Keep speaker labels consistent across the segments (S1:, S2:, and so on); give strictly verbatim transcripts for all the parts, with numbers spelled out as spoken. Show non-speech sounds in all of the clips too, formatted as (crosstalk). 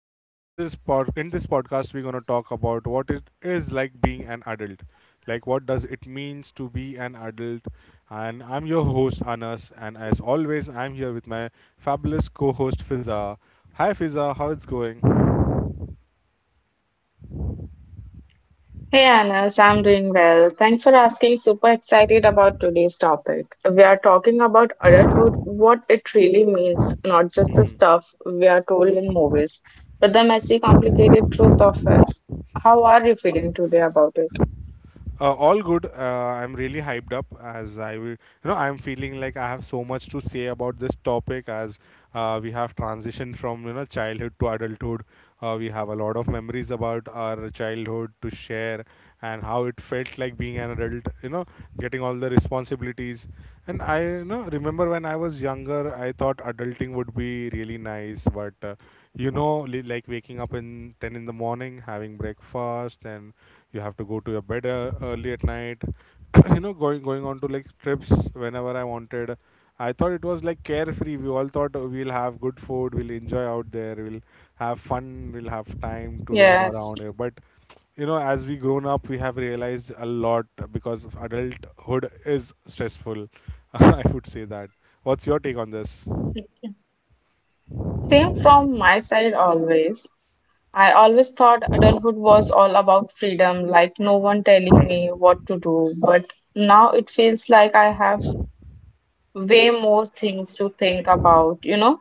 S1: And in this pod, in this podcast, we're gonna talk about what it is like being an adult, like what does it means to be an adult. And I'm your host Anas, and as always, I'm here with my fabulous co-host Fiza. Hi Fiza, how it's going?
S2: Hey Anas, I'm doing well. Thanks for asking. Super excited about today's topic. We are talking about adulthood, what it really means, not just the stuff we are told in movies, but the messy, complicated truth of it. How are you feeling today about it?
S1: Uh, all good. Uh, I'm really hyped up as I will, you know, I'm feeling like I have so much to say about this topic as uh, we have transitioned from, you know, childhood to adulthood. Uh, we have a lot of memories about our childhood to share and how it felt like being an adult, you know, getting all the responsibilities. And I, you know, remember when I was younger, I thought adulting would be really nice, but, uh, you know, li- like waking up in ten in the morning, having breakfast and you have to go to your bed uh, early at night. (coughs) you know going going on to like trips whenever I wanted. I thought it was like carefree. We all thought uh, we'll have good food, we'll enjoy out there, we'll have fun, we'll have time to roam
S2: Yes.
S1: around here. But you know, as we grown up, we have realized a lot, because adulthood is stressful. (laughs) I would say that. What's your take on this?
S2: Same from my side always. I always thought adulthood was all about freedom, like no one telling me
S1: Mhm.
S2: what to do. But now it feels like I have way more things to think about, you know?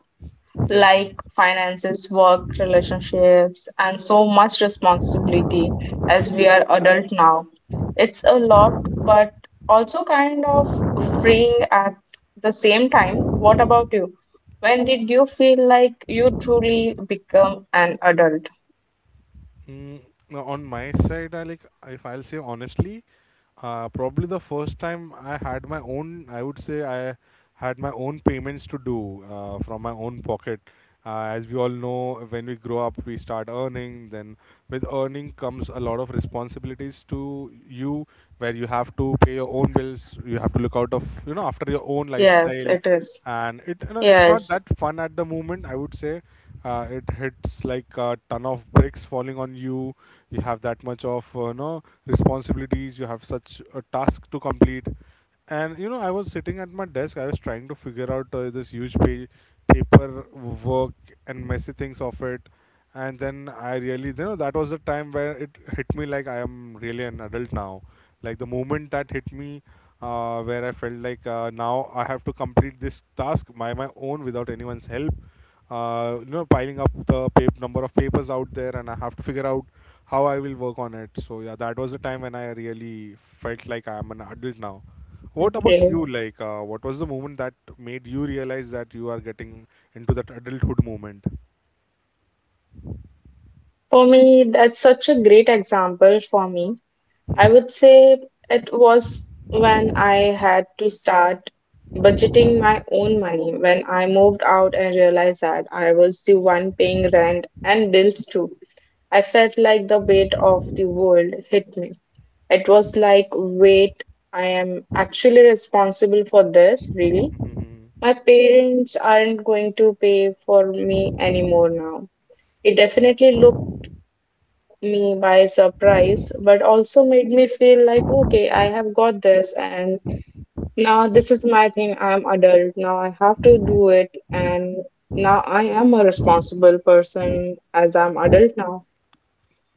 S1: Yes, yes.
S2: Like finances, work, relationships, and so much responsibility
S1: Mhm.
S2: as we are adult now. It's a lot, but also kind of freeing at the same time. What about you? When did you feel like you truly become an adult?
S1: Mm, now on my side, I like, if I'll say honestly, uh, probably the first time I had my own, I would say I had my own payments to do uh, from my own pocket. Uh, as we all know, when we grow up, we start earning. Then with earning comes a lot of responsibilities to you, where you have to pay your own bills. You have to look out of, you know, after your own
S2: Yes,
S1: lifestyle.
S2: it is.
S1: And it, you know, it's not
S2: Yes.
S1: that fun at the moment, I would say. Uh, it hits like a ton of bricks falling on you. You have that much of, uh, you know, responsibilities. You have such a task to complete. And you know, I was sitting at my desk, I was trying to figure out uh, this huge page paper work and messy things of it. And then I really, you know, that was the time where it hit me, like I am really an adult now. Like the moment that hit me, uh, where I felt like, uh, now I have to complete this task by my own without anyone's help. Uh, you know, piling up the pap- number of papers out there, and I have to figure out how I will work on it. So yeah, that was the time when I really felt like I am an adult now. What about
S2: Okay.
S1: you? Like, uh, what was the moment that made you realize that you are getting into that adulthood moment?
S2: For me, that's such a great example for me.
S1: (laughs)
S2: I
S1: Mhm.
S2: would say it was when I had to start budgeting my own money when I moved out and realized that I was the one paying rent and bills too. I felt like the weight of the world hit me. It was like, wait, I am actually responsible for this, really?
S1: Mhm.
S2: My parents aren't going to pay for me anymore now. It definitely looked me by surprise, but also made me feel like, okay, I have got this, and now this is my thing. I'm adult now. I have to do it, and now I am a responsible person as I'm adult now.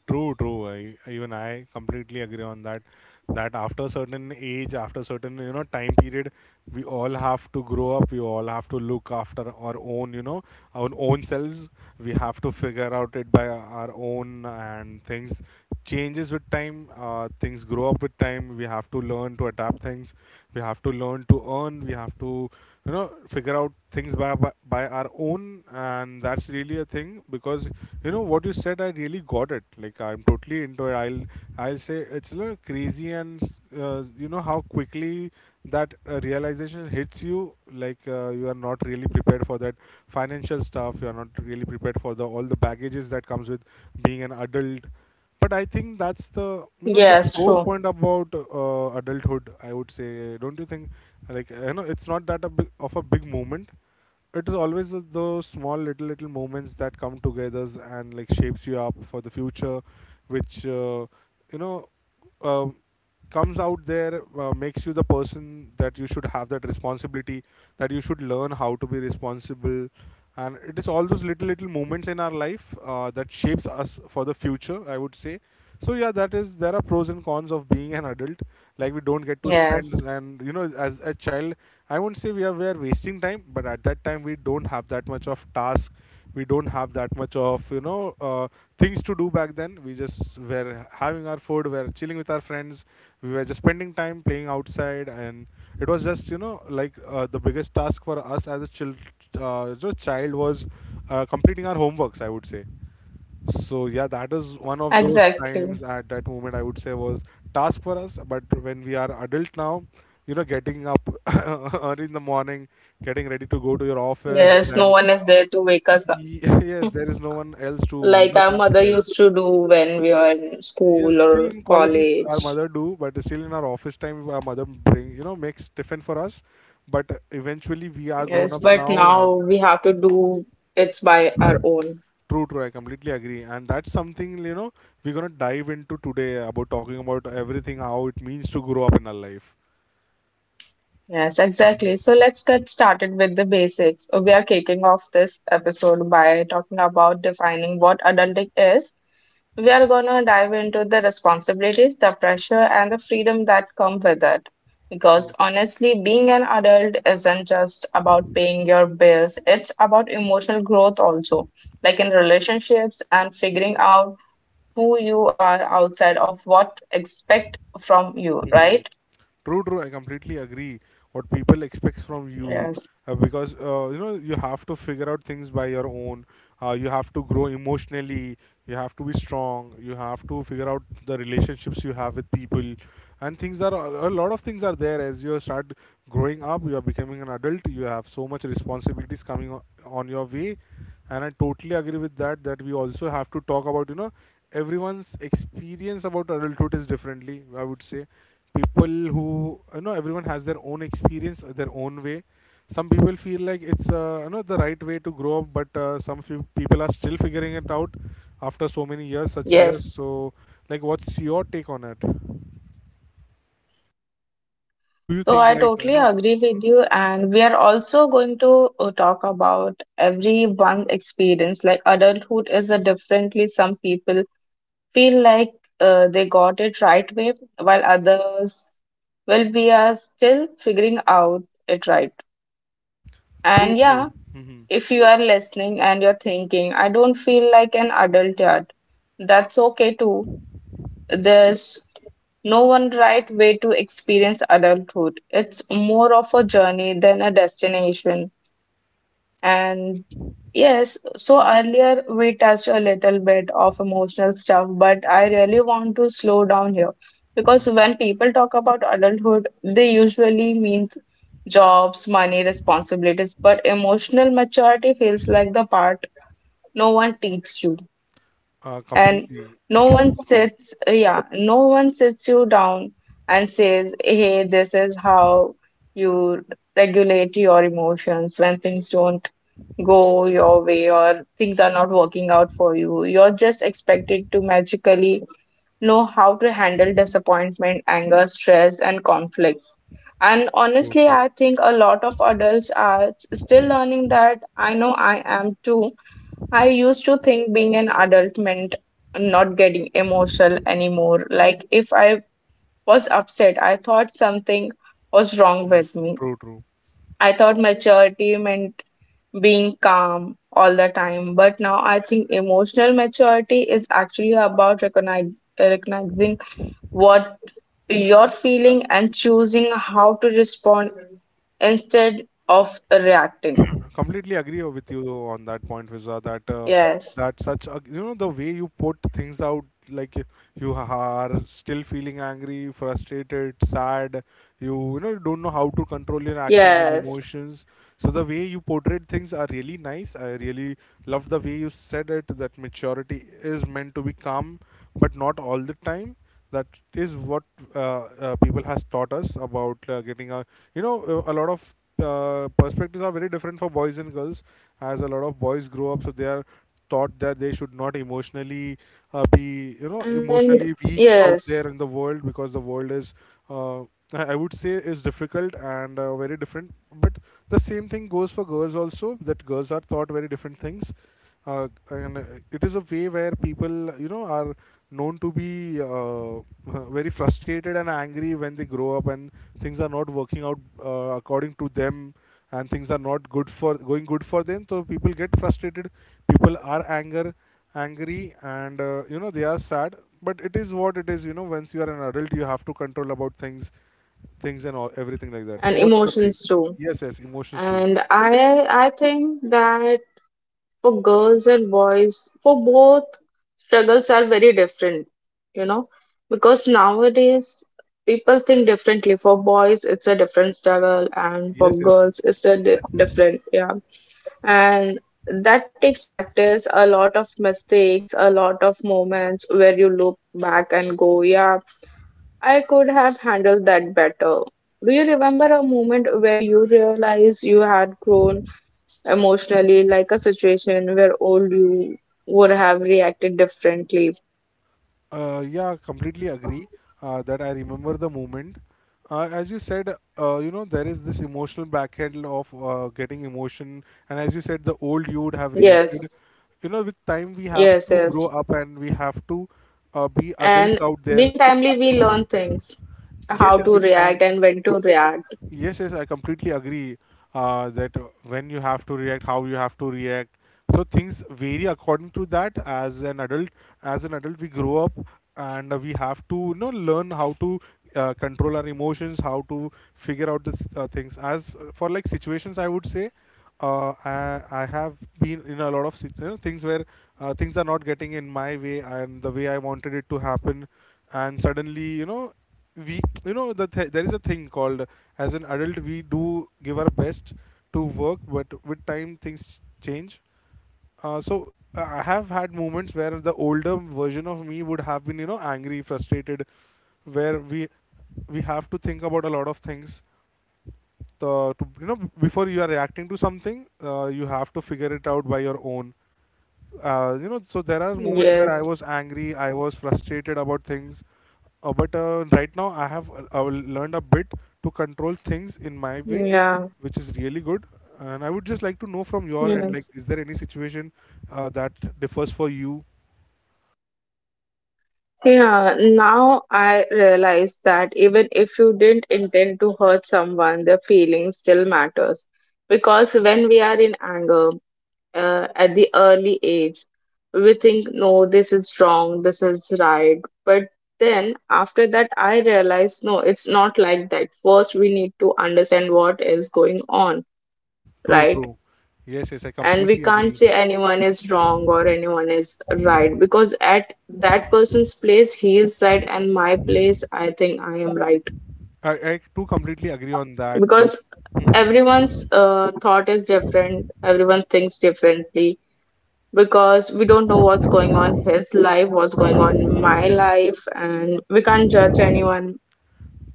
S1: True, true. I, even I completely agree on that. That after certain age, after certain, you know, time period, we all have to grow up. We all have to look after our own, you know, our own selves. We have to figure out it by our own, and things changes with time. Uh, things grow up with time. We have to learn to adapt things. We have to learn to earn. We have to, you know, figure out things by by, by our own. And that's really a thing, because you know what you said, I really got it, like I'm totally into it. i'll I'll say it's a little crazy and s- uh, you know, how quickly that uh, realization hits you, like uh, you are not really prepared for that financial stuff. You are not really prepared for the all the baggages that comes with being an adult. But I think that's the, you know,
S2: Yes,
S1: whole
S2: true.
S1: point about uh, adulthood, I would say. Don't you think, like, you know, it's not that a big, of a big moment. It is always th- those small little little moments that come together and like shapes you up for the future, which uh, you know um comes out there, uh, makes you the person, that you should have that responsibility, that you should learn how to be responsible. And it is all those little little moments in our life uh, that shapes us for the future, I would say. So yeah, that is, there are pros and cons of being an adult. Like we don't get to spend,
S2: Yes,
S1: and you know, as a child, I won't say we are we are wasting time, but at that time we don't have that much of task. We don't have that much of, you know, uh, things to do back then. We just were having our food, we were chilling with our friends, we were just spending time playing outside. And it was just, you know, like, uh, the biggest task for us as a child, uh, you know, child was uh, completing our homeworks, I would say. So yeah, that is one of those
S2: exactly.
S1: times, at that moment, I would say, was task for us. But when we are adult now, you know, getting up (laughs) early in the morning, getting ready to go to your office,
S2: Yes, no
S1: and
S2: one is there to wake us up
S1: y- (laughs) yes, there is no one else to, you
S2: like
S1: know,
S2: our
S1: think.
S2: mother used to do when we were in school
S1: Yes, still
S2: or
S1: in colleges our
S2: college.
S1: mother do, but still in our office time our mother bring, you know, makes tiffin for us. But eventually we are grown
S2: Yes,
S1: ups
S2: but
S1: now, and
S2: now we have to do it by our own.
S1: true, true, I completely agree. And that's something, you know, we're gonna dive into today, about talking about everything, how it means to grow up in our life.
S2: Yes, exactly.
S1: Hmm.
S2: So let's get started with the basics. We are kicking off this episode by talking about defining what adulting is. We are going to dive into the responsibilities, the pressure, and the freedom that come with it.
S1: True.
S2: Because honestly, being an adult isn't just about paying your bills, it's about emotional growth also, like in relationships and figuring out who you are outside of what expect from you,
S1: Mhm.
S2: right?
S1: True, true. I completely agree. What people expects from you,
S2: Yes.
S1: uh, because uh, you know, you have to figure out things by your own. Uh, you have to grow emotionally. You have to be strong. You have to figure out the relationships you have with people, and things are a lot of things are there as you start growing up. You are becoming an adult. You have so much responsibilities coming o- on your way, and I totally agree with that. That we also have to talk about, you know, everyone's experience about adulthood is differently. I would say, people who, you know, everyone has their own experience, uh, their own way. Some people feel like it's, uh, you know, the right way to grow up, but uh, some few people are still figuring it out after so many years, such years.
S2: Yes.
S1: So like, what's your take on it? What do you
S2: So
S1: think,
S2: I
S1: like, you
S2: totally
S1: know?
S2: agree with you, and we are also going to uh, talk about everyone's experience. Like adulthood is a differently. Some people feel like uh, they got it right way, while others, well, we are still figuring out it right. And
S1: True,
S2: yeah,
S1: true. Hmm.
S2: if you are listening and you're thinking, I don't feel like an adult yet, that's okay too. There's no one right way to experience adulthood. It's more of a journey than a destination. And yes, so earlier we touched a little bit of emotional stuff, but I really want to slow down here because when people talk about adulthood, they usually mean jobs, money, responsibilities, but emotional maturity feels like the part no one teaches you,
S1: Uh,
S2: and
S1: completely.
S2: no one
S1: (clears throat) True.
S2: sits uh, yeah, no one sits you down and says, hey, this is how you regulate your emotions when things don't go your way, or things are not working out for you. You're just expected to magically know how to handle disappointment, anger, stress, and conflicts. And
S1: True. (coughs)
S2: honestly,
S1: True.
S2: I think a lot of adults are s- still learning that. I know I am too. I used to think being an adult meant not getting emotional anymore. Like, if I was upset, I thought something was wrong
S1: Mhm.
S2: with me.
S1: True, true.
S2: I thought maturity meant being calm all the time. But now I think emotional maturity is actually about recognize, recognizing what you're feeling and choosing how to respond instead of reacting.
S1: Completely agree with you on that point, Visa, that uh,
S2: Yes,
S1: that such a, you know, the way you put things out, like you you are still feeling angry, frustrated, sad. You you know, you don't know how to control your actions and
S2: yes,
S1: emotions. So the way you portrayed things are really nice. I really love the way you said it. That maturity is meant to be calm, but not all the time. That is what uh, uh, people has taught us about uh, getting a you know, a a lot of uh, perspectives are very different for boys and girls. As a lot of boys grow up, so they are taught that they should not emotionally uh, be, you know,
S2: and
S1: emotionally weak out
S2: yes.
S1: there in the world, because the world is, uh, i I would say, is difficult and uh, very different. But the same thing goes for girls also, that girls are taught very different things. Uh, and uh, It is a way where people, you know, are known to be uh, (laughs) very frustrated and angry when they grow up, and things are not working out uh, according to them, and things are not good for going good for them. So people get frustrated, people are anger angry, and, uh, you know, they are sad. But it is what it is. You know, once you are an adult, you have to control about things things and all everything like that.
S2: And
S1: So what's your take?
S2: emotions too.
S1: Yes, yes, emotions too.
S2: And I I think that for girls and boys, for both, struggles are very different, you know, because nowadays people think differently. For boys, it's a different struggle, and for
S1: Yes, yes,
S2: girls,
S1: completely.
S2: it's a di- different, yeah. And that takes practice, a lot of mistakes, a lot of moments where you look back and go, yeah, I could have handled that better. Do you remember a moment where you realized you had grown emotionally, like a situation where old you would have reacted differently?
S1: Uh, yeah, completely agree uh, that I remember the moment. Uh, as you said, uh, you know, there is this emotional backhand of uh, getting emotion. And as you said, the old you would have
S2: Yes,
S1: reacted. You know, with time, we have
S2: yes,
S1: to grow
S2: yes.
S1: up, and we have to uh, be adults
S2: And
S1: out there.
S2: being timely, we learn things
S1: Yes,
S2: how
S1: yes,
S2: to
S1: with
S2: react
S1: time.
S2: and when to react.
S1: Yes, yes, I completely agree uh, that uh, when you have to react, how you have to react. So things vary according to that. As an adult, as an adult, we grow up and uh, we have to, you know, learn how to uh, control our emotions, how to figure out this uh, things. As for like situations, I would say. Uh, I, I have been in a lot of sit- you know, things where uh, things are not getting in my way and the way I wanted it to happen, and suddenly you know we you know the th- there is a thing called, as an adult we do give our best to work, but with time things change. uh, so uh, I have had moments where the older version of me would have been you know angry, frustrated, where we we have to think about a lot of things, the, to you know before you are reacting to something, uh, you have to figure it out by your own. Uh, you know so there are moments where I
S2: Yes,
S1: was angry, I was frustrated about things. Uh, but uh, Right now, I have uh, uh, learned a bit to control things in my way,
S2: yeah,
S1: which is really good. And I would just like to know from your end, like,
S2: yes.
S1: is there any situation uh, that differs for you?
S2: Yeah, now I realize that even if you didn't intend to hurt someone, their feelings still matters. Because when we are in anger uh, at the early age, we think, no, this is wrong, this is right. But then after that, I realize, no, it's not like that. First, we need to understand what is going on,
S1: True,
S2: right?
S1: true. Yes, yes, I
S2: And we
S1: completely
S2: can't
S1: agree.
S2: say anyone is wrong or anyone is right, because at that person's place he is right, and my place I think I am right,
S1: I, I too completely agree on that. Like,
S2: because everyone's uh, thought is different, everyone thinks differently, because we don't know what's going on in his life, what's going on in my life, and we can't judge anyone.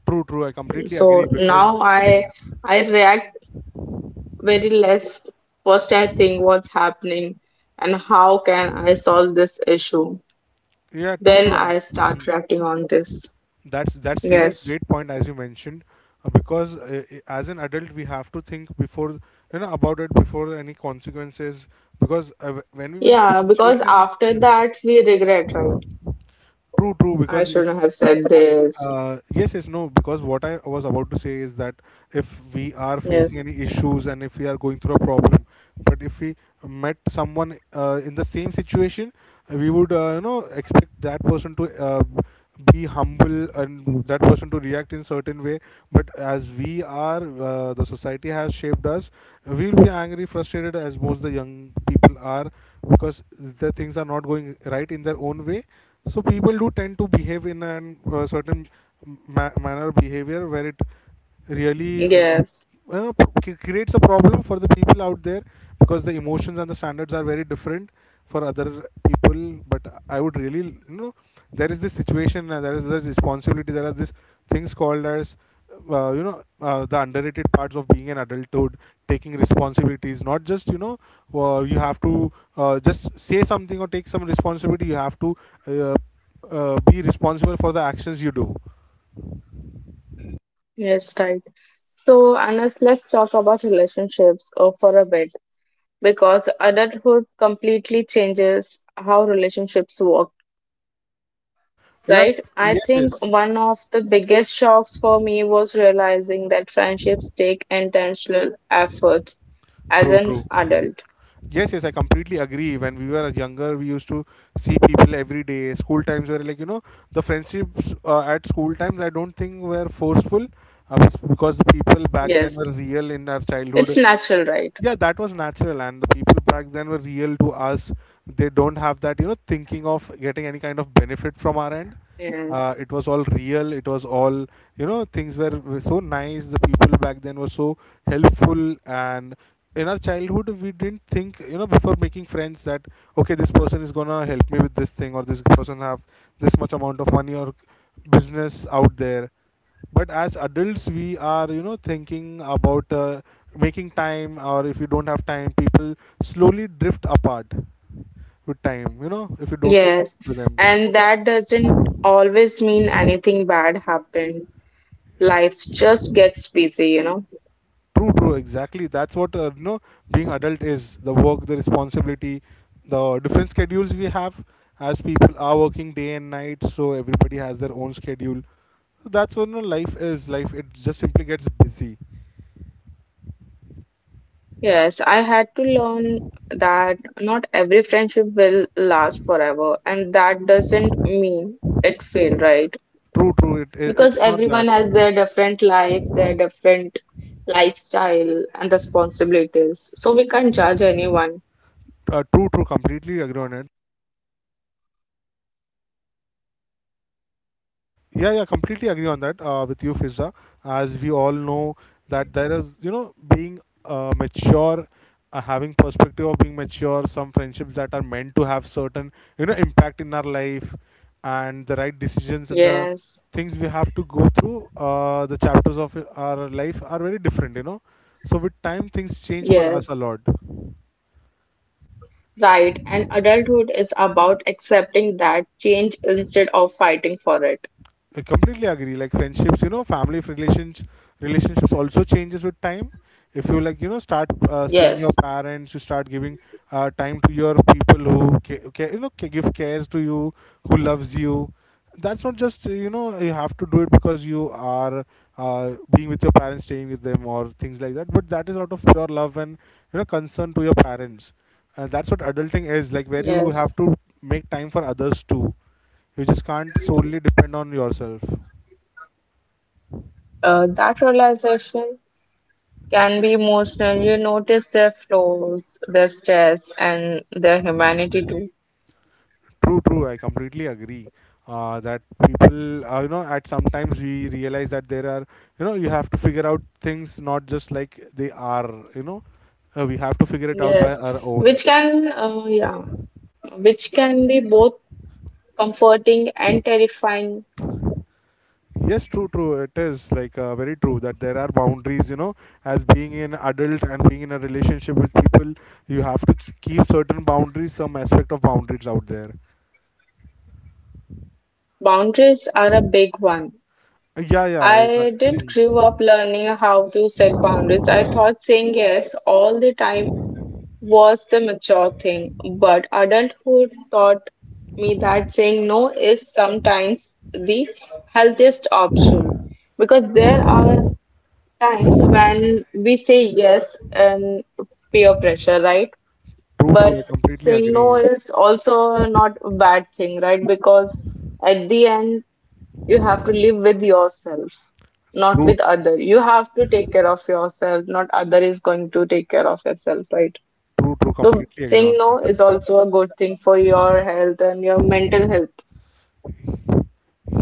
S1: true, true. I completely
S2: So
S1: agree
S2: now
S1: because,
S2: i i react very less. First I think what's happening and how can I solve this issue.
S1: yeah, true,
S2: Then I
S1: true.
S2: start reacting on this.
S1: That's that's really a
S2: Yes.
S1: great point as you mentioned, uh, because uh, i- as an adult we have to think before, you know about it, before any consequences. Because uh, wh- when we were
S2: Yeah, because
S1: children,
S2: after that we regret, right?
S1: true, true.
S2: I
S1: Because if
S2: shouldn't have said
S1: uh,
S2: this.
S1: uh, yes, yes, no. Because what I was about to say is that, if we are facing
S2: Yes.
S1: any issues and if we are going through a problem, but if we met someone uh, in the same situation, we would uh, you know expect that person to uh, be humble and that person to react in certain way. But as we are uh, the society has shaped us, we will be angry, frustrated, as most the young people are, because the things are not going right in their own way. So people do tend to behave in a uh, certain ma- manner, behavior, where it really uh,
S2: Yes.
S1: you know, c- creates a problem for the people out there, because the emotions and the standards are very different for other people. But I would really you know there is this situation and there is the responsibility, there are these things called as uh, you know uh, the underrated parts of being an adulthood, taking responsibilities, not just you know uh, you have to uh, just say something or take some responsibility, you have to uh, uh, be responsible for the actions you do.
S2: Yes, right. So, Anas, let's talk about relationships uh, for a bit, because adulthood completely changes how relationships work,
S1: Yeah,
S2: right? I
S1: yes,
S2: think
S1: yes,
S2: one of the biggest shocks for me was realizing that friendships take intentional effort as
S1: true,
S2: an
S1: true.
S2: adult.
S1: Yes, yes, I completely agree. When we were younger, we used to see people every day. School times were like, you know, the friendships uh, at school times, I don't think were forceful, uh, because the people back then
S2: Yes.
S1: were real in our
S2: It's
S1: childhood.
S2: natural, right?
S1: Yeah, that was natural, and the people back then were real to us. They don't have that, you know, thinking of getting any kind of benefit from our end.
S2: Yes.
S1: Uh, it was all real, it was all, you know, things were were so nice, the people back then were so helpful. And in our childhood we didn't think, you know, before making friends that, okay, this person is gonna help me with this thing, or this person have this much amount of money or business out there. But as adults we are, you know, thinking about uh, making time, or if you don't have time, people slowly drift apart with time, you know, if you don't
S2: Yes.
S1: to them.
S2: And that doesn't always mean anything bad happened. Life just gets busy, you know.
S1: True, true. Exactly, that's what uh, you know being adult is, the work, the responsibility, the different schedules we have, as people are working day and night, so everybody has their own schedule. That's what, you know, life is, life it just simply gets busy.
S2: Yes, I had to learn that not every friendship will last forever, and that doesn't mean it failed, right?
S1: True, true. it, it
S2: Because
S1: it's not that.
S2: everyone has their different life, their different lifestyle and responsibilities. So we can't judge anyone.
S1: Uh, true, true, completely agree on it. Yeah, yeah, completely agree on that uh, with you, Fizza. As we all know that there is, you know, being uh, mature, uh, having perspective of being mature, some friendships that are meant to have certain, you know, impact in our life, and the right decisions and the
S2: Yes,
S1: things we have to go through. Uh, the chapters of our life are very different, you know. So with time, things change for us a
S2: yes.
S1: lot.
S2: Right, and adulthood is about accepting that change instead of fighting for it.
S1: I completely agree. Like friendships, you know, family relations relationships also changes with time. If you like, you know, start uh, seeing your
S2: Yes,
S1: parents, you start giving uh, time to your people who ca- ca- you know ca- give cares to you, who loves you. That's not just, you know, you have to do it because you are uh, being with your parents, staying with them, or things like that. But that is out of pure love and, you know, concern to your parents. Uh, that's what adulting is like, where you
S2: yes.
S1: have to make time for others too, you just can't solely depend on yourself.
S2: Uh, that realization can be emotional. You notice their flaws, their stress, and their humanity too.
S1: True, true. I completely agree. Uh, that people, uh, you know, at sometimes we realize that there are, you know, you have to figure out things not just like they are, you know, uh, we have to figure it out by
S2: Yes,
S1: our own.
S2: which can, uh, yeah, which can be both comforting and terrifying.
S1: Yes, true, true. It is like uh, very true that there are boundaries, you know, as being an adult and being in a relationship with people, you have to k- keep certain boundaries, some aspect of boundaries out there.
S2: Boundaries are a big one.
S1: Uh, Yeah, yeah. I, I,
S2: I didn't
S1: Mhm.
S2: grow up learning how to set boundaries. I thought saying yes all the time was the mature thing, but adulthood taught me that saying no is sometimes the healthiest option, because there are times when we say yes and peer pressure, right?
S1: True, true. I
S2: But
S1: completely
S2: saying no
S1: agree.
S2: is also not a bad thing, right? Because at the end, you have to live with yourself, not
S1: True,
S2: with other. You have to take care of yourself, not other is going to take care of yourself, right?
S1: true, true.
S2: So
S1: Completely agree
S2: saying
S1: on
S2: no
S1: that.
S2: is also a good thing for your health and your mental health.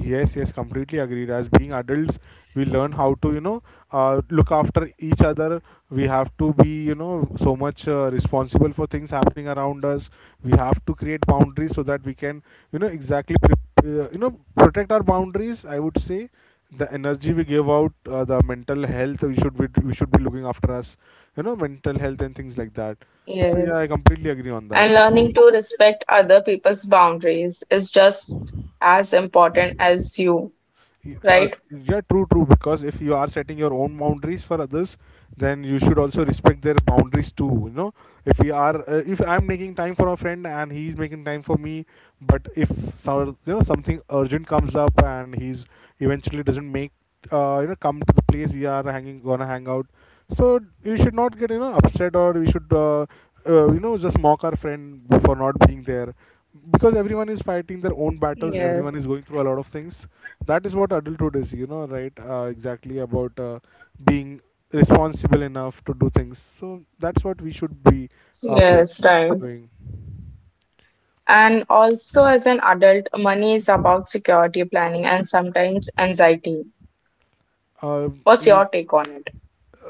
S1: Yes, yes, completely agreed. As being adults, we learn how to, you know, uh, look after each other. We have to be, you know, so much uh, responsible for things happening around us. We have to create boundaries so that we can, you know, exactly, pre- uh, you know, protect our boundaries. I would say the energy we give out, uh, the mental health, we should be we should be looking after us, you know, mental health and things like that. So yeah,
S2: Yes,
S1: I completely agree on that.
S2: and learning to respect other people's boundaries is just as important as you,
S1: Y- uh,
S2: right.
S1: Yeah, true, true. Because if you are setting your own boundaries for others, then you should also respect their boundaries too. You know, if we are, uh, if I'm making time for a friend and he's making time for me, but if some, you know, something urgent comes up and he's eventually doesn't make, uh, you know, come to the place we are hanging, gonna hang out. So you should not get, you know, upset, or we should, uh, uh, you know, just mock our friend for not being there, because everyone is fighting their own battles,
S2: Yes,
S1: everyone is going through a lot of things. That is what adulthood is, you know, right, uh, exactly about uh, being responsible enough to do things. So that's what we should be uh, pro-
S2: yes, right.
S1: doing.
S2: And also, as an adult, money is about security, planning, and sometimes anxiety.
S1: um,
S2: What's
S1: I,
S2: your take on it?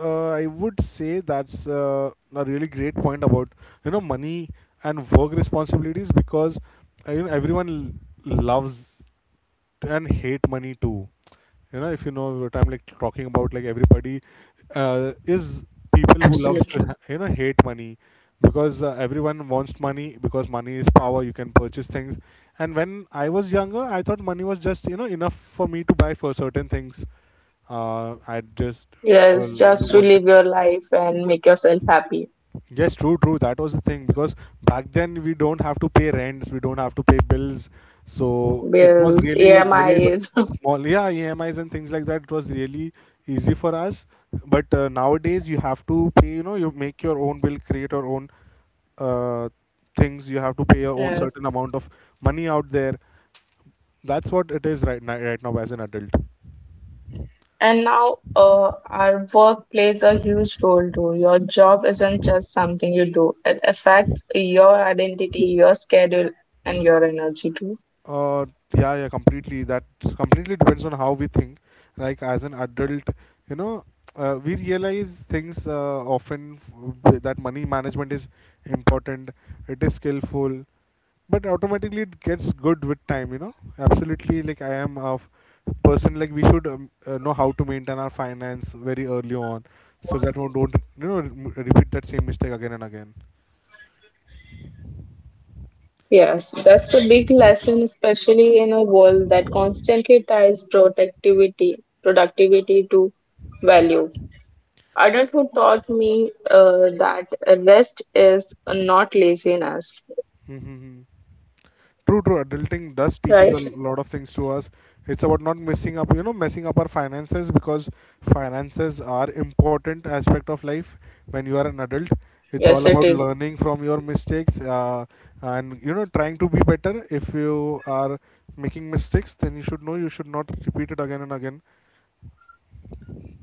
S1: uh, I would say that's uh, a really great point about, you know, money and work responsibilities, because uh, you know, everyone l- loves and hate money too, you know, if you know what I'm like talking about, like, everybody uh, is people who loves to
S2: Absolutely.
S1: ha- you know hate money, because uh, everyone wants money, because money is power, you can purchase things. And when I was younger I thought money was just, you know, enough for me to buy for certain things. Uh, I just uh,
S2: Yes, just to
S1: Wanted.
S2: live your life and make yourself happy.
S1: Yes, true, true. That was the thing, because back then we don't have to pay rents, we don't have to pay bills. So it was
S2: Bills,
S1: really very w-
S2: E M Is. (laughs)
S1: small. Yeah, E M Is and things like that. It was really easy for us. But uh, nowadays you have to pay. You know, you make your own bill, create your own uh, things. You have to pay your own
S2: Yes.
S1: certain amount of money out there. That's what it is right now, right now as an adult.
S2: And now, uh, our work plays a huge role too. Your job isn't just something you do, it affects your identity, your schedule, and your energy too.
S1: Uh, yeah, yeah, completely. That completely depends on how we think. Like as an adult, you know, uh, we realize things uh, often f- that money management is important. It is skillful, but automatically it gets good with time. You know, absolutely. Like I am a f- person. Like we should um, uh, know how to maintain our finance very early on, so that we don't, you know, re- repeat that same mistake again and again.
S2: Yes, that's a big lesson, especially in a world that constantly ties productivity, productivity to value. Adulthood taught me uh, that rest is not laziness,
S1: Mm-hmm. True, true. Adulting does teaches a
S2: right?
S1: lot of things to us. It's about not messing up, you know, messing up our finances, because finances are important aspect of life when you are an adult. It's
S2: Yes,
S1: all
S2: it
S1: about
S2: is.
S1: learning from your mistakes, uh, and you know trying to be better. If you are making mistakes, then you should know you should not repeat it again and again.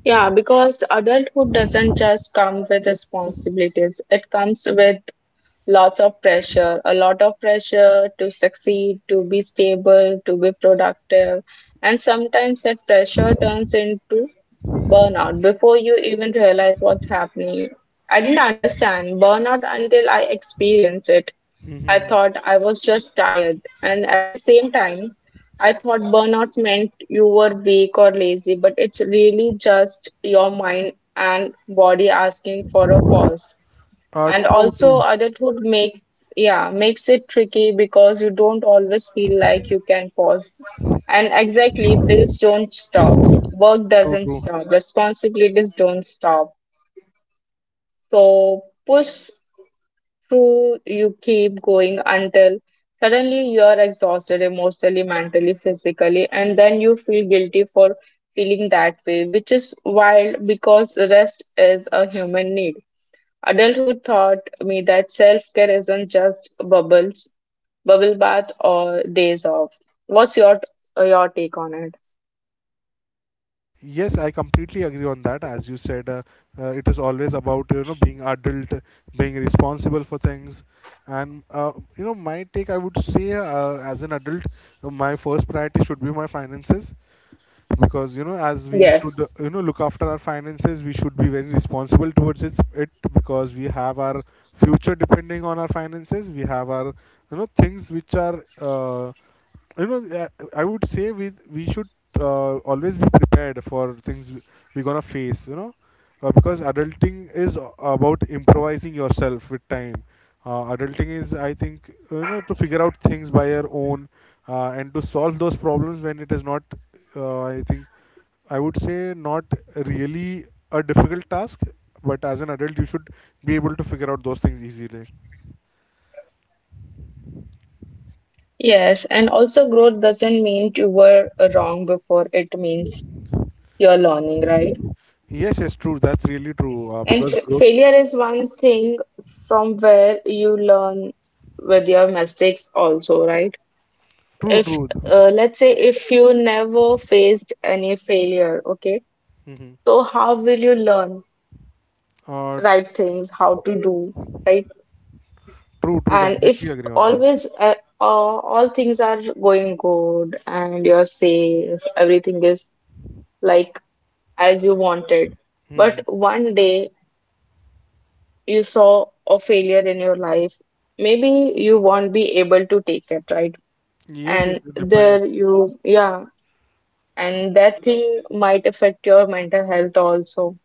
S2: Yeah, because adulthood doesn't just come with responsibilities, it comes with lots of pressure, a lot of pressure to succeed, to be stable, to be productive. And sometimes that pressure turns into burnout, before you even realize what's happening. I didn't understand burnout until I experienced it. I
S1: Mm-hmm.
S2: thought I was just tired. And at the same time, I thought burnout meant you were weak or lazy, but it's really just your mind and body asking for a pause.
S1: Uh,
S2: And
S1: true,
S2: also
S1: true,
S2: adulthood makes, yeah, makes it tricky because you don't always feel like you can pause. And exactly, bills don't stop, work
S1: true,
S2: doesn't
S1: true.
S2: stop, responsibilities don't stop. So push through, you keep going until suddenly you are exhausted emotionally, mentally, physically, and then you feel guilty for feeling that way, which is wild, because rest is a human need. Adulthood taught me that self care isn't just bubbles, bubble bath, or days off. What's your uh, your take on it?
S1: Yes, I completely agree on that. As you said, uh, uh, it is always about, you know, being adult, being responsible for things, and uh, you know my take. I would say, uh, as an adult, uh, my first priority should be my finances, because you know as we
S2: Yes,
S1: should, uh, you know look after our finances. We should be very responsible towards it, it because we have our future depending on our finances. We have our, you know things which are, uh, you know uh, I would say we we should, uh, always be prepared for things we're gonna face, you know uh, because adulting is about improvising yourself with time. uh, adulting is, I think, you know to figure out things by your own, uh, and to solve those problems when it is not, uh, I think, I would say, not really a difficult task, but as an adult you should be able to figure out those things easily.
S2: yes, and also growth doesn't mean you were uh, wrong before. It means you're learning, right?
S1: Yes, yes, true, that's really true. uh,
S2: And
S1: because
S2: f-
S1: growth
S2: failure is one thing from where you learn with your mistakes, also, right?
S1: true,
S2: If
S1: true.
S2: uh, let's say if you never faced any failure, okay,
S1: Hmm.
S2: so how will you learn?
S1: uh,
S2: Right things, how to do, right?
S1: true, true,
S2: And
S1: completely
S2: if
S1: agree on that.
S2: always uh, uh, all things are going good and you're safe, everything is like as you wanted, but
S1: Hmm.
S2: one day you saw a failure in your life, maybe you won't be able to take it, right?
S1: Yes, yes,
S2: And
S1: it depends.
S2: there you, yeah, and that thing might affect your mental health also.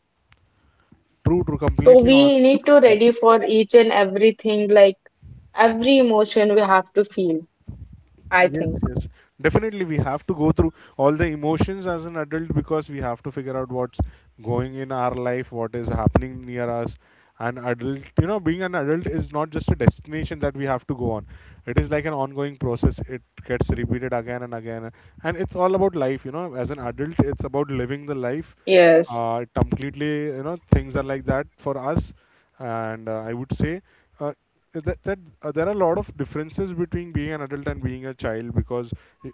S1: True, true,
S2: So
S1: completely on
S2: we need
S1: with
S2: to
S1: you.
S2: ready for each and everything, like every emotion we have to feel, I
S1: Yes,
S2: think.
S1: yes. Definitely, we have to go through all the emotions as an adult because we have to figure out what's going in our life, what is happening near us. An adult, you know, being an adult is not just a destination that we have to go on. It is like an ongoing process. It gets repeated again and again. And it's all about life, you know. As an adult, it's about living the life.
S2: Yes,
S1: uh, it completely, you know things are like that for us. And uh, I would say, uh, that, that uh, there are a lot of differences between being an adult and being a child. Because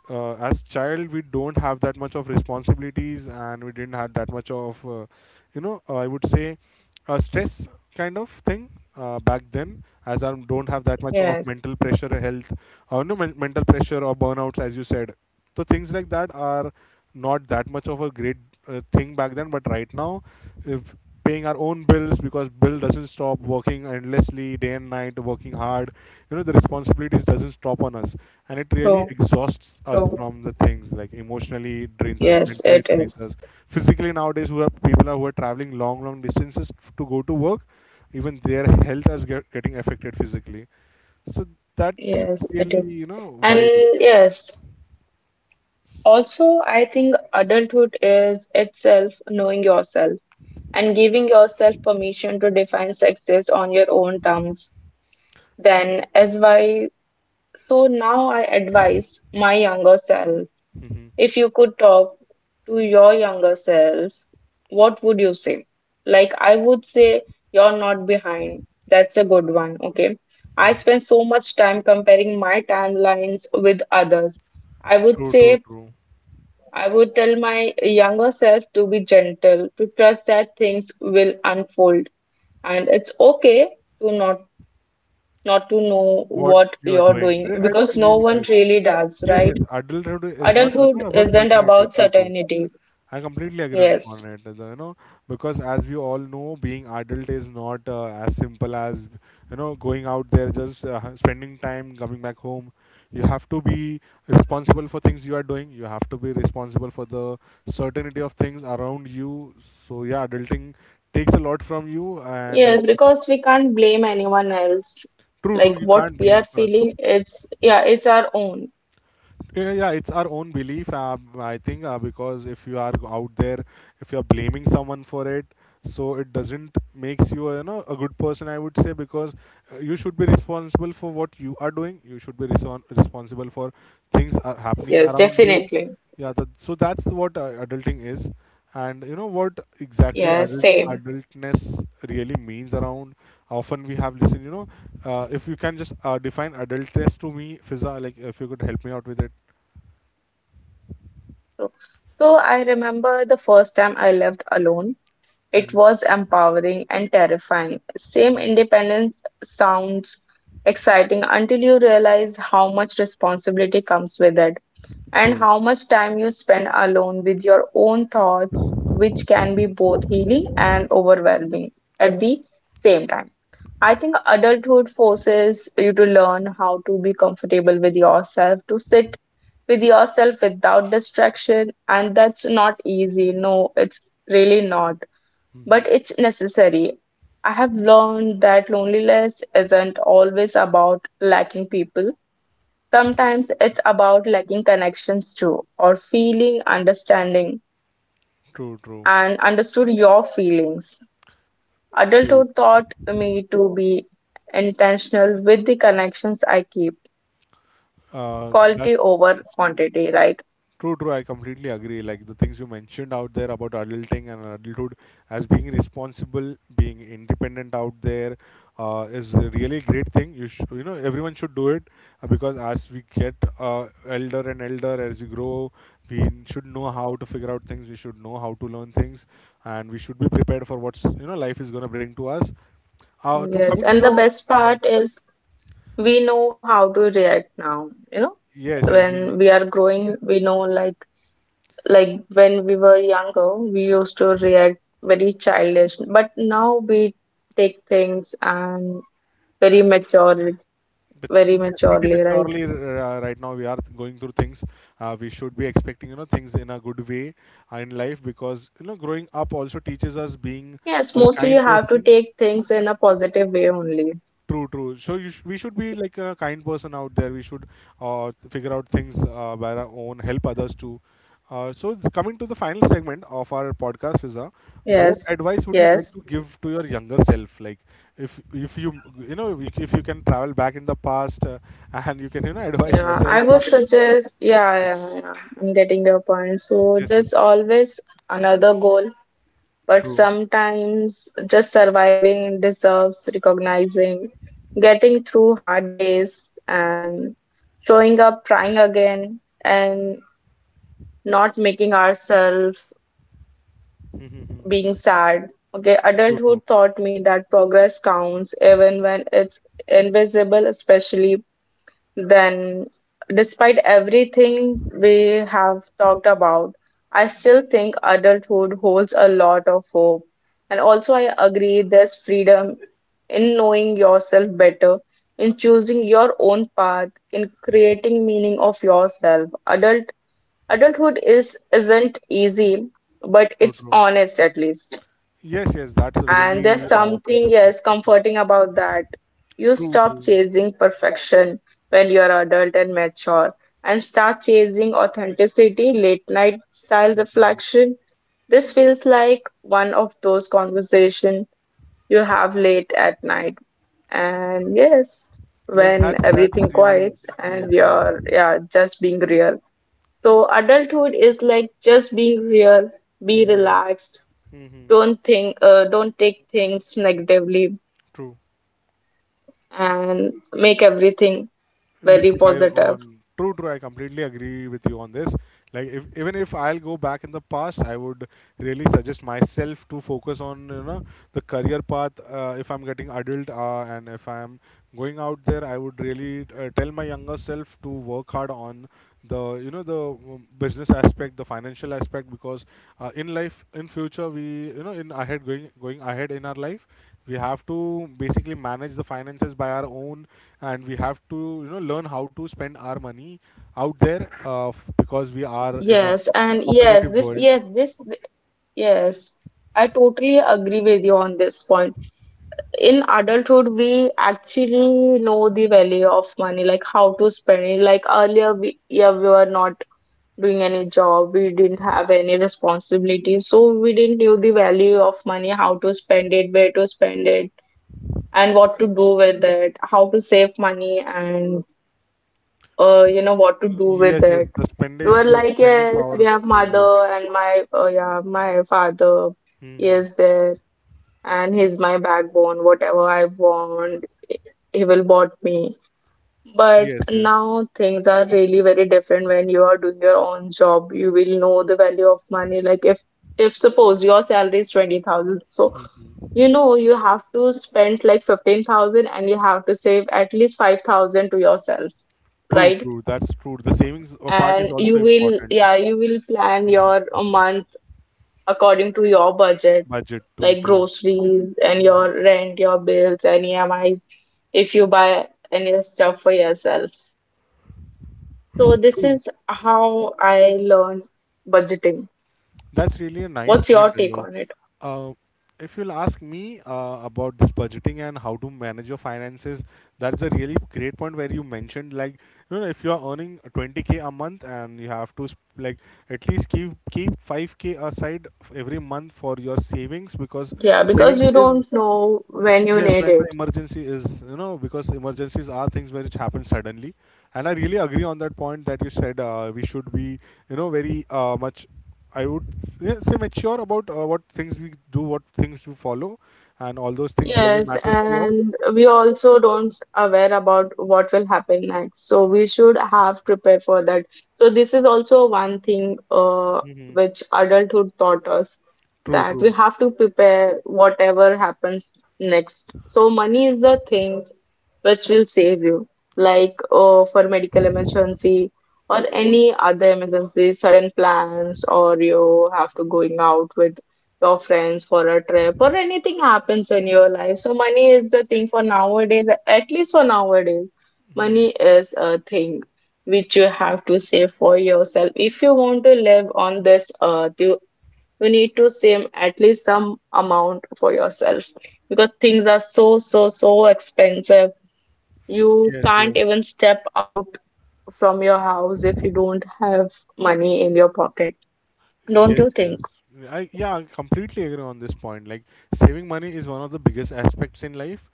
S1: uh, as child we don't have that much of responsibilities, and we didn't have that much of, uh, you know uh, I would say, a stress kind of thing uh, back then, as I don't have that much of
S2: yes,
S1: mental pressure health, or no men- mental pressure or burnouts as you said. So things like that are not that much of a great, uh, thing back then, but right now if paying our own bills, because bill doesn't stop, working endlessly day and night, working hard, you know the responsibilities doesn't stop on us. And it really
S2: true,
S1: exhausts us
S2: true.
S1: from the things, like emotionally it drains us,
S2: Yes,
S1: mentally
S2: it
S1: it drains
S2: is.
S1: us, physically. Nowadays who are people are who are traveling long long distances to go to work, even their health is get, getting affected physically. So that is
S2: Yes, it
S1: really,
S2: is.
S1: you know
S2: And
S1: wild.
S2: yes, also, I think adulthood is itself knowing yourself and giving yourself permission to define success on your own terms. Then, as why, so now I advise my younger self.
S1: Hmm.
S2: If you could talk to your younger self, what would you say? Like, I would say, you're not behind. That's a good one. Okay. I spend so much time comparing my timelines with others. I would
S1: True, true,
S2: say,
S1: true.
S2: I would tell my younger self to be gentle, to trust that things will unfold. And it's okay to not not to know
S1: What
S2: what
S1: you are
S2: you're
S1: doing.
S2: doing
S1: Re- I
S2: because no
S1: really care.
S2: one really does,
S1: Yes, yes.
S2: right?
S1: Adulthood is not, you
S2: Adulthood
S1: know, about
S2: isn't
S1: certainty.
S2: about
S1: True, true.
S2: certainty.
S1: I completely agree on, on
S2: Yes.
S1: it. the- You know, because as we all know, being adult is not uh, as simple as, you know going out there, just uh, spending time, coming back home. You have to be responsible for things you are doing. You have to be responsible for the certainty of things around you. So yeah, adulting takes a lot from you, and uh,
S2: Yes,
S1: it,
S2: because we can't blame anyone else.
S1: true, true.
S2: Like
S1: You
S2: what
S1: can't
S2: we are
S1: blame for other.
S2: feeling, it's yeah, it's our own.
S1: Yeah, yeah, it's our own belief, uh, I think, uh, because if you are out there, if you are blaming someone for it, so it doesn't makes you, uh, you know a good person, I would say. Because uh, you should be responsible for what you are doing, you should be reson responsible for things are happening
S2: Yes,
S1: around you.
S2: definitely.
S1: Yeah, that, so that's what uh, adulting is. And you know what exactly
S2: Yeah,
S1: adult
S2: same.
S1: adultness really means around, often we have listened, you know uh, if you can just uh, define adultness to me Fiza, like if you could help me out with it.
S2: So, so I remember the first time I left alone. It
S1: Mhm,
S2: was empowering and terrifying. Same
S1: mhm.
S2: independence sounds exciting until you realize how much responsibility comes with it, and
S1: True.
S2: how much time you spend alone with your own thoughts, which can be
S1: Mhm,
S2: both healing and overwhelming at the same time. I think adulthood forces you to learn how to be comfortable with yourself, to
S1: mhm,
S2: sit with yourself without distraction, and that's not easy. No, it's really not,
S1: mhm.
S2: but it's necessary. I have learned that loneliness isn't always about lacking people. Sometimes it's about lacking connections to or feeling understanding
S1: True, true,
S2: and understood your feelings.
S1: true,
S2: Adulthood
S1: true.
S2: taught
S1: Mhm.
S2: me to be intentional with the connections I keep,
S1: Uh,
S2: quality
S1: that's
S2: over quantity, right?
S1: true, true. I completely agree. Like the things you mentioned out there about adulting and adulthood, as being responsible, being independent out there, uh, is a really great thing. You sh- you know everyone should do it, uh, because as we get, uh, elder and elder, as we grow, we n- should know how to figure out things. We should know how to learn things, and we should be prepared for what's, you know life is gonna bring to us. Uh, to
S2: Yes,
S1: coming to
S2: and the
S1: the
S2: best part is we know how to react now, you know,
S1: yes, yes, we
S2: when we are growing, we know like like when we were younger, we used to react very childish, but now we take things and very mature,
S1: but
S2: very
S1: yes, pretty
S2: maturely, right?
S1: maturely, uh, right now we are th- going through things. Uh, we should be expecting, you know things in a good way, uh, in life, because you know growing up also teaches us being
S2: Yes,
S1: a
S2: mostly you
S1: kind
S2: have to
S1: person.
S2: take things in a positive way only.
S1: True, true. So you sh- we should be like a kind person out there. We should, uh, figure out things, uh, by our own, help others too. Uh, so th- coming to the final segment of our podcast, Fiza, what
S2: Yes,
S1: advice would you like
S2: yes,
S1: to give to your younger self? Like if if you you know if if you can travel back in the past, uh, and you can, you know advise
S2: yeah,
S1: yourself
S2: I would
S1: something.
S2: suggest, yeah, yeah, yeah. I'm getting your point, so
S1: Yes, yes.
S2: there's always another goal, but
S1: True.
S2: sometimes just surviving deserves recognizing, getting through hard days and showing up, trying again and not making ourselves being
S1: Mm-hmm.
S2: sad. Okay,
S1: True, true.
S2: adulthood taught me that progress counts even when it's invisible, especially then. Despite everything we have talked about, I still think adulthood holds a lot of hope. And also, I agree there's freedom in knowing yourself better, in choosing your own path, in creating meaning of yourself. Adult adulthood is isn't easy, but
S1: True,
S2: it's
S1: true.
S2: honest at least.
S1: Yes, yes. That's a
S2: And there's
S1: really, uh, major
S2: something,
S1: point.
S2: yes, comforting about that. You
S1: True,
S2: stop
S1: true.
S2: chasing perfection when you're adult and mature and start chasing authenticity, late night style
S1: Mhm.
S2: reflection. This feels like one of those conversations you have late at night. And yes,
S1: Yes,
S2: when
S1: that's that's
S2: everything
S1: really
S2: quiets
S1: yes,
S2: and
S1: yes.
S2: you're, yeah, just being real. So adulthood is like just being real, be
S1: Mm-hmm.
S2: relaxed,
S1: Mm-hmm.
S2: don't think, uh, don't take things negatively
S1: True.
S2: and make everything
S1: With
S2: very
S1: by your
S2: positive.
S1: own, true, true. I completely agree with you on this. Like, if even if I'll go back in the past, I would really suggest myself to focus on, you know, the career path. Uh, if I'm getting adult, uh, and if I'm going out there, I would really uh, tell my younger self to work hard on the you know the um, business aspect, the financial aspect. Because uh, in life, in future, we, you know in ahead, going going ahead in our life, we have to basically manage the finances by our own, and we have to, you know learn how to spend our money out there. uh, f- because we are in a
S2: Yes, and yes,
S1: competitive
S2: this
S1: world.
S2: yes this yes, I totally agree with you on this point. In adulthood we actually know the value of money, like how to spend it. Like earlier we, yeah, we were not doing any job, we didn't have any responsibilities, so we didn't know the value of money, how to spend it, where to spend it, and what to do with it, how to save money, and uh, you know, what to do with
S1: Yes, yes,
S2: it.
S1: the
S2: We
S1: spending
S2: were
S1: the
S2: like,
S1: spending
S2: yes,
S1: power
S2: we have
S1: changes.
S2: mother and my uh, yeah, my father
S1: Hmm.
S2: is there, and he's my backbone. Whatever I want, he will bought me. But
S1: Yes, yes.
S2: now things are really very different when you are doing your own job. You will know the value of money. Like if if suppose your salary is twenty thousand, so
S1: Hmm.
S2: you know you have to spend like fifteen thousand and you have to save at least five thousand to yourself,
S1: True,
S2: right?
S1: true, that's true. The savings uh, part is
S2: And
S1: also
S2: you will,
S1: important.
S2: yeah, you will plan your a month according to your budget,
S1: Budget to
S2: like
S1: true.
S2: groceries and your rent, your bills and emis, if you buy any stuff for yourself. So this
S1: True.
S2: is how I learned budgeting.
S1: That's really a nice
S2: What's
S1: point,
S2: your take
S1: Rio.
S2: on it?
S1: Uh, if you'll ask me uh, about this budgeting and how to manage your finances, that's a really great point where you mentioned, like, you know, if you're earning twenty k a month, and you have to sp- like at least keep keep five k aside f- every month for your savings. Because
S2: Yeah, because
S1: savings
S2: you
S1: is,
S2: don't know when you
S1: yes,
S2: need
S1: when the
S2: it.
S1: emergency is, you know, because emergencies are things which happen suddenly. And I really agree on that point that you said, uh, we should be, you know, very uh, much. I would s- yeah, say mature about uh, what things we do, what things we follow, and all those things really
S2: Yes,
S1: matters to us.
S2: and we also don't aware about what will happen next. So we should have prepared for that. So this is also one thing uh,
S1: Hmm.
S2: which adulthood taught us,
S1: True,
S2: that we
S1: true.
S2: have to prepare whatever happens next. So money is the thing which will save you, like uh, for medical emergency or any other emergency, sudden plans, or you have to going out with your friends for a trip or anything happens in your life. So money is the thing for nowadays, at least for nowadays. Money
S1: Hmm.
S2: is a thing which you have to save for yourself. If you want to live on this earth, you, you need to save at least some amount for yourself because things are so, so, so expensive. You
S1: Yes,
S2: can't
S1: yes.
S2: even step out from your house if you don't have money in your pocket. Don't
S1: Yes,
S2: you
S1: yes.
S2: think?
S1: I yeah, I completely agree on this point. Like saving money is one of the biggest aspects in life,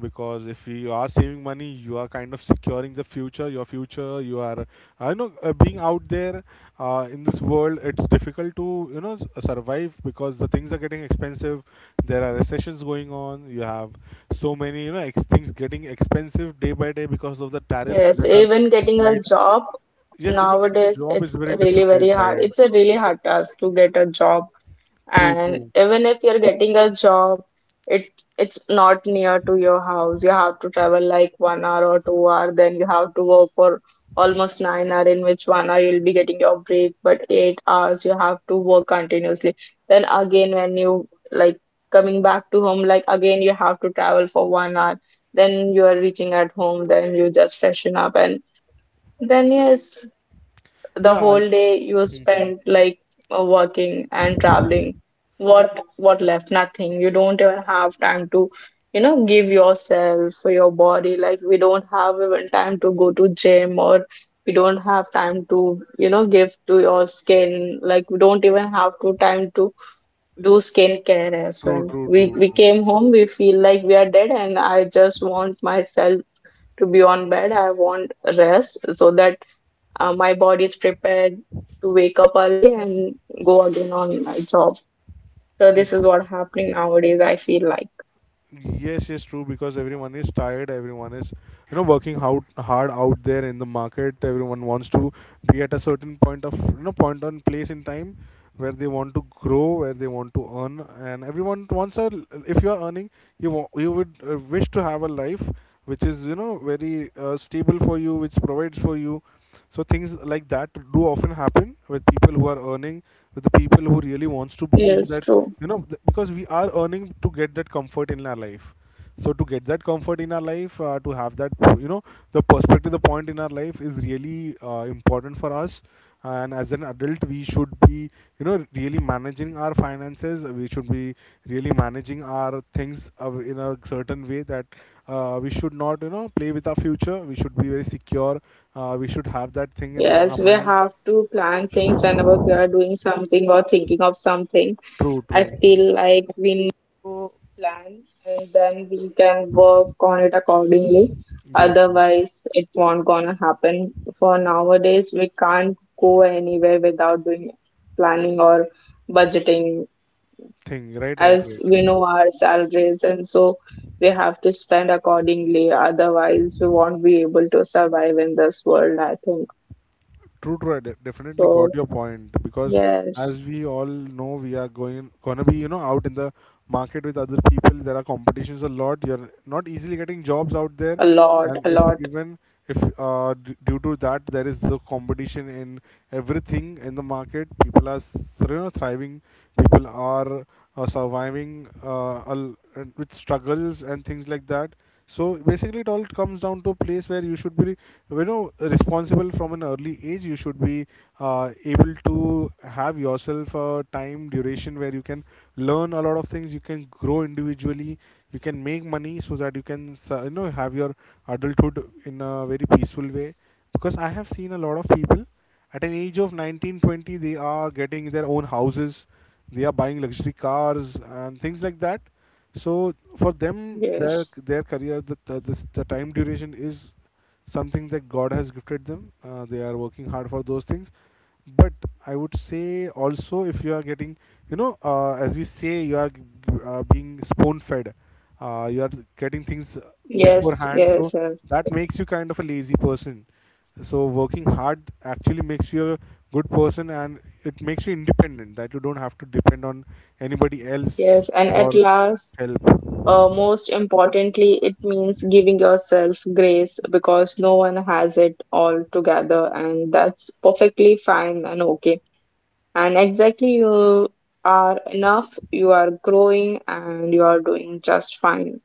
S1: because if you are saving money, you are kind of securing the future, your future. You are, I know, uh, being out there, uh, in this world, it's difficult to, you know, s- uh, survive, because the things are getting expensive. There are recessions going on. You have so many, you know, ex- things getting expensive day by day because of the tariffs
S2: Yes,
S1: that are
S2: even getting a
S1: implied.
S2: job
S1: Yes, even getting a
S2: nowadays,
S1: job is
S2: it's
S1: very
S2: really
S1: difficult,
S2: very hard,
S1: right?
S2: it's a really hard task to get a job.
S1: True,
S2: And
S1: true.
S2: even if you're getting a job, it it's not near to your house, you have to travel like one hour or two hour, then you have to work for almost nine hour, in which one hour you'll be getting your break, but eight hours you have to work continuously. Then again when you, like, coming back to home, like again you have to travel for one hour, then you are reaching at home, then you just freshen up and then yes, the
S1: Yeah, I,
S2: whole day you spent like, uh, working and traveling. What what left? Nothing. You don't even have time to, you know, give yourself for your body. Like we don't have even time to go to gym, or we don't have time to, you know, give to your skin. Like we don't even have to time to do skincare as
S1: true,
S2: well.
S1: true,
S2: we
S1: true,
S2: we
S1: true.
S2: came home, we feel like we are dead and I just want myself to be on bed. I want rest so that uh, my body is prepared to wake up early and go again on my job. So this is
S1: Uh,
S2: what happening nowadays. I feel like
S1: Yes, yes, true. Because everyone is tired. Everyone is, you know, working out hard out there in the market. Everyone wants to be at a certain point of, you know, point on place in time, where they want to grow, where they want to earn, and everyone wants a. If you are earning, you wa- you would, uh, wish to have a life which is, you know, very uh, stable for you, which provides for you. So things like that do often happen with people who are earning, with the people who really wants to be in
S2: yes,
S1: that,
S2: true.
S1: you know, th- because we are earning to get that comfort in our life. So to get that comfort in our life, uh, to have that, you know, the perspective, the point in our life is really uh, important for us. And as an adult, we should be, you know, really managing our finances. We should be really managing our things, uh, in a certain way, that uh, we should not, you know, play with our future. We should be very secure, uh, we should have that thing in our
S2: Yes, we
S1: mind.
S2: have to plan things whenever we are doing something or thinking of something.
S1: True,
S2: I
S1: true.
S2: feel like we need to plan and then we can work on it accordingly.
S1: Yes, yes.
S2: Otherwise, it won't gonna happen. For nowadays, we can't go anywhere without doing planning or budgeting,
S1: Thing right, right,
S2: as we
S1: right.
S2: know our salaries and so we have to spend accordingly, otherwise we won't be able to survive in this world, I think.
S1: True, true. I de- definitely
S2: So
S1: got your point. Because,
S2: yes,
S1: as we all know, we are going gonna be, you know, out in the market with other people. There are competitions a lot. You're not easily getting jobs out there.
S2: a lot,
S1: And
S2: a
S1: if
S2: lot.
S1: even if uh, d- due to that, there is the competition in everything in the market, people are s- you know thriving. People are, uh, surviving, uh, al- and with struggles and things like that. So basically, it all comes down to a place where you should be, you know, responsible from an early age. You should be, uh, able to have yourself a time duration where you can learn a lot of things. You can grow individually. You can make money, so that you can, uh, you know, have your adulthood in a very peaceful way. Because I have seen a lot of people at an age of nineteen, twenty, they are getting their own houses. They are buying luxury cars and things like that. So for them, their
S2: Yes,
S1: their career, the the, this- the time duration is something that God has gifted them. Uh, they are working hard for those things, but I would say also, if you are getting, you know, uh, as we say, you are g- g- uh, being spoon fed, uh, you are getting things
S2: yes,
S1: beforehand. So
S2: yes, yes,
S1: that makes you kind of a lazy person. So working hard actually makes you a good person, and it makes you independent, that you don't have to depend on anybody else
S2: yes. And
S1: for
S2: at last,
S1: help.
S2: uh, most importantly, it means giving yourself grace because no one has it all together and that's perfectly fine and okay. And exactly, you are enough, you are growing, and you are doing just fine.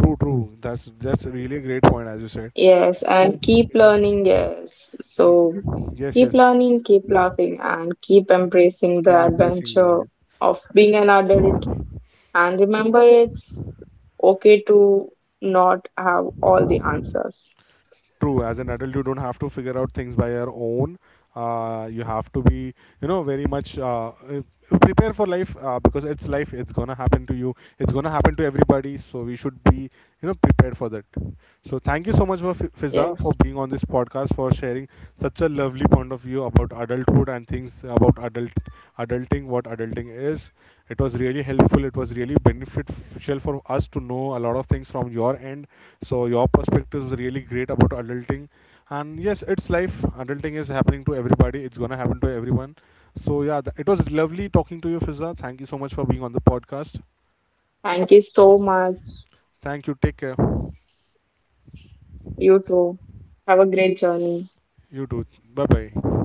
S1: True, true. That's that's really a great point, as you said.
S2: Yes,
S1: So
S2: and keep
S1: mhm.
S2: learning, yes.
S1: y-
S2: So
S1: yes,
S2: keep
S1: yes,
S2: learning, keep laughing, and keep embracing
S1: king
S2: the
S1: embracing the
S2: adventure
S1: life.
S2: of being an adult. And remember, it's okay to not have all the answers.
S1: True, as an adult, you don't have to figure out things by your own. Uh, you have to be, you know, very much uh, uh, prepare for life, uh, because it's life. It's gonna happen to you. It's gonna happen to everybody. So we should be, you know, prepared for that. So thank you so much for F- Fiza for
S2: Yes.
S1: being on this podcast, for sharing such a lovely point of view about adulthood and things about adult adulting, what adulting is. It was really helpful. It was really beneficial for us to know a lot of things from your end. So your perspective is really great about adulting, and yes, it's life. Adulting is happening to everybody. It's gonna happen to everyone. So yeah, th- it was lovely talking to you, Fizza. Thank you so much for being on the podcast.
S2: Thank you so much.
S1: Thank you. Take care.
S2: You too. Have a great journey.
S1: You too. Bye bye.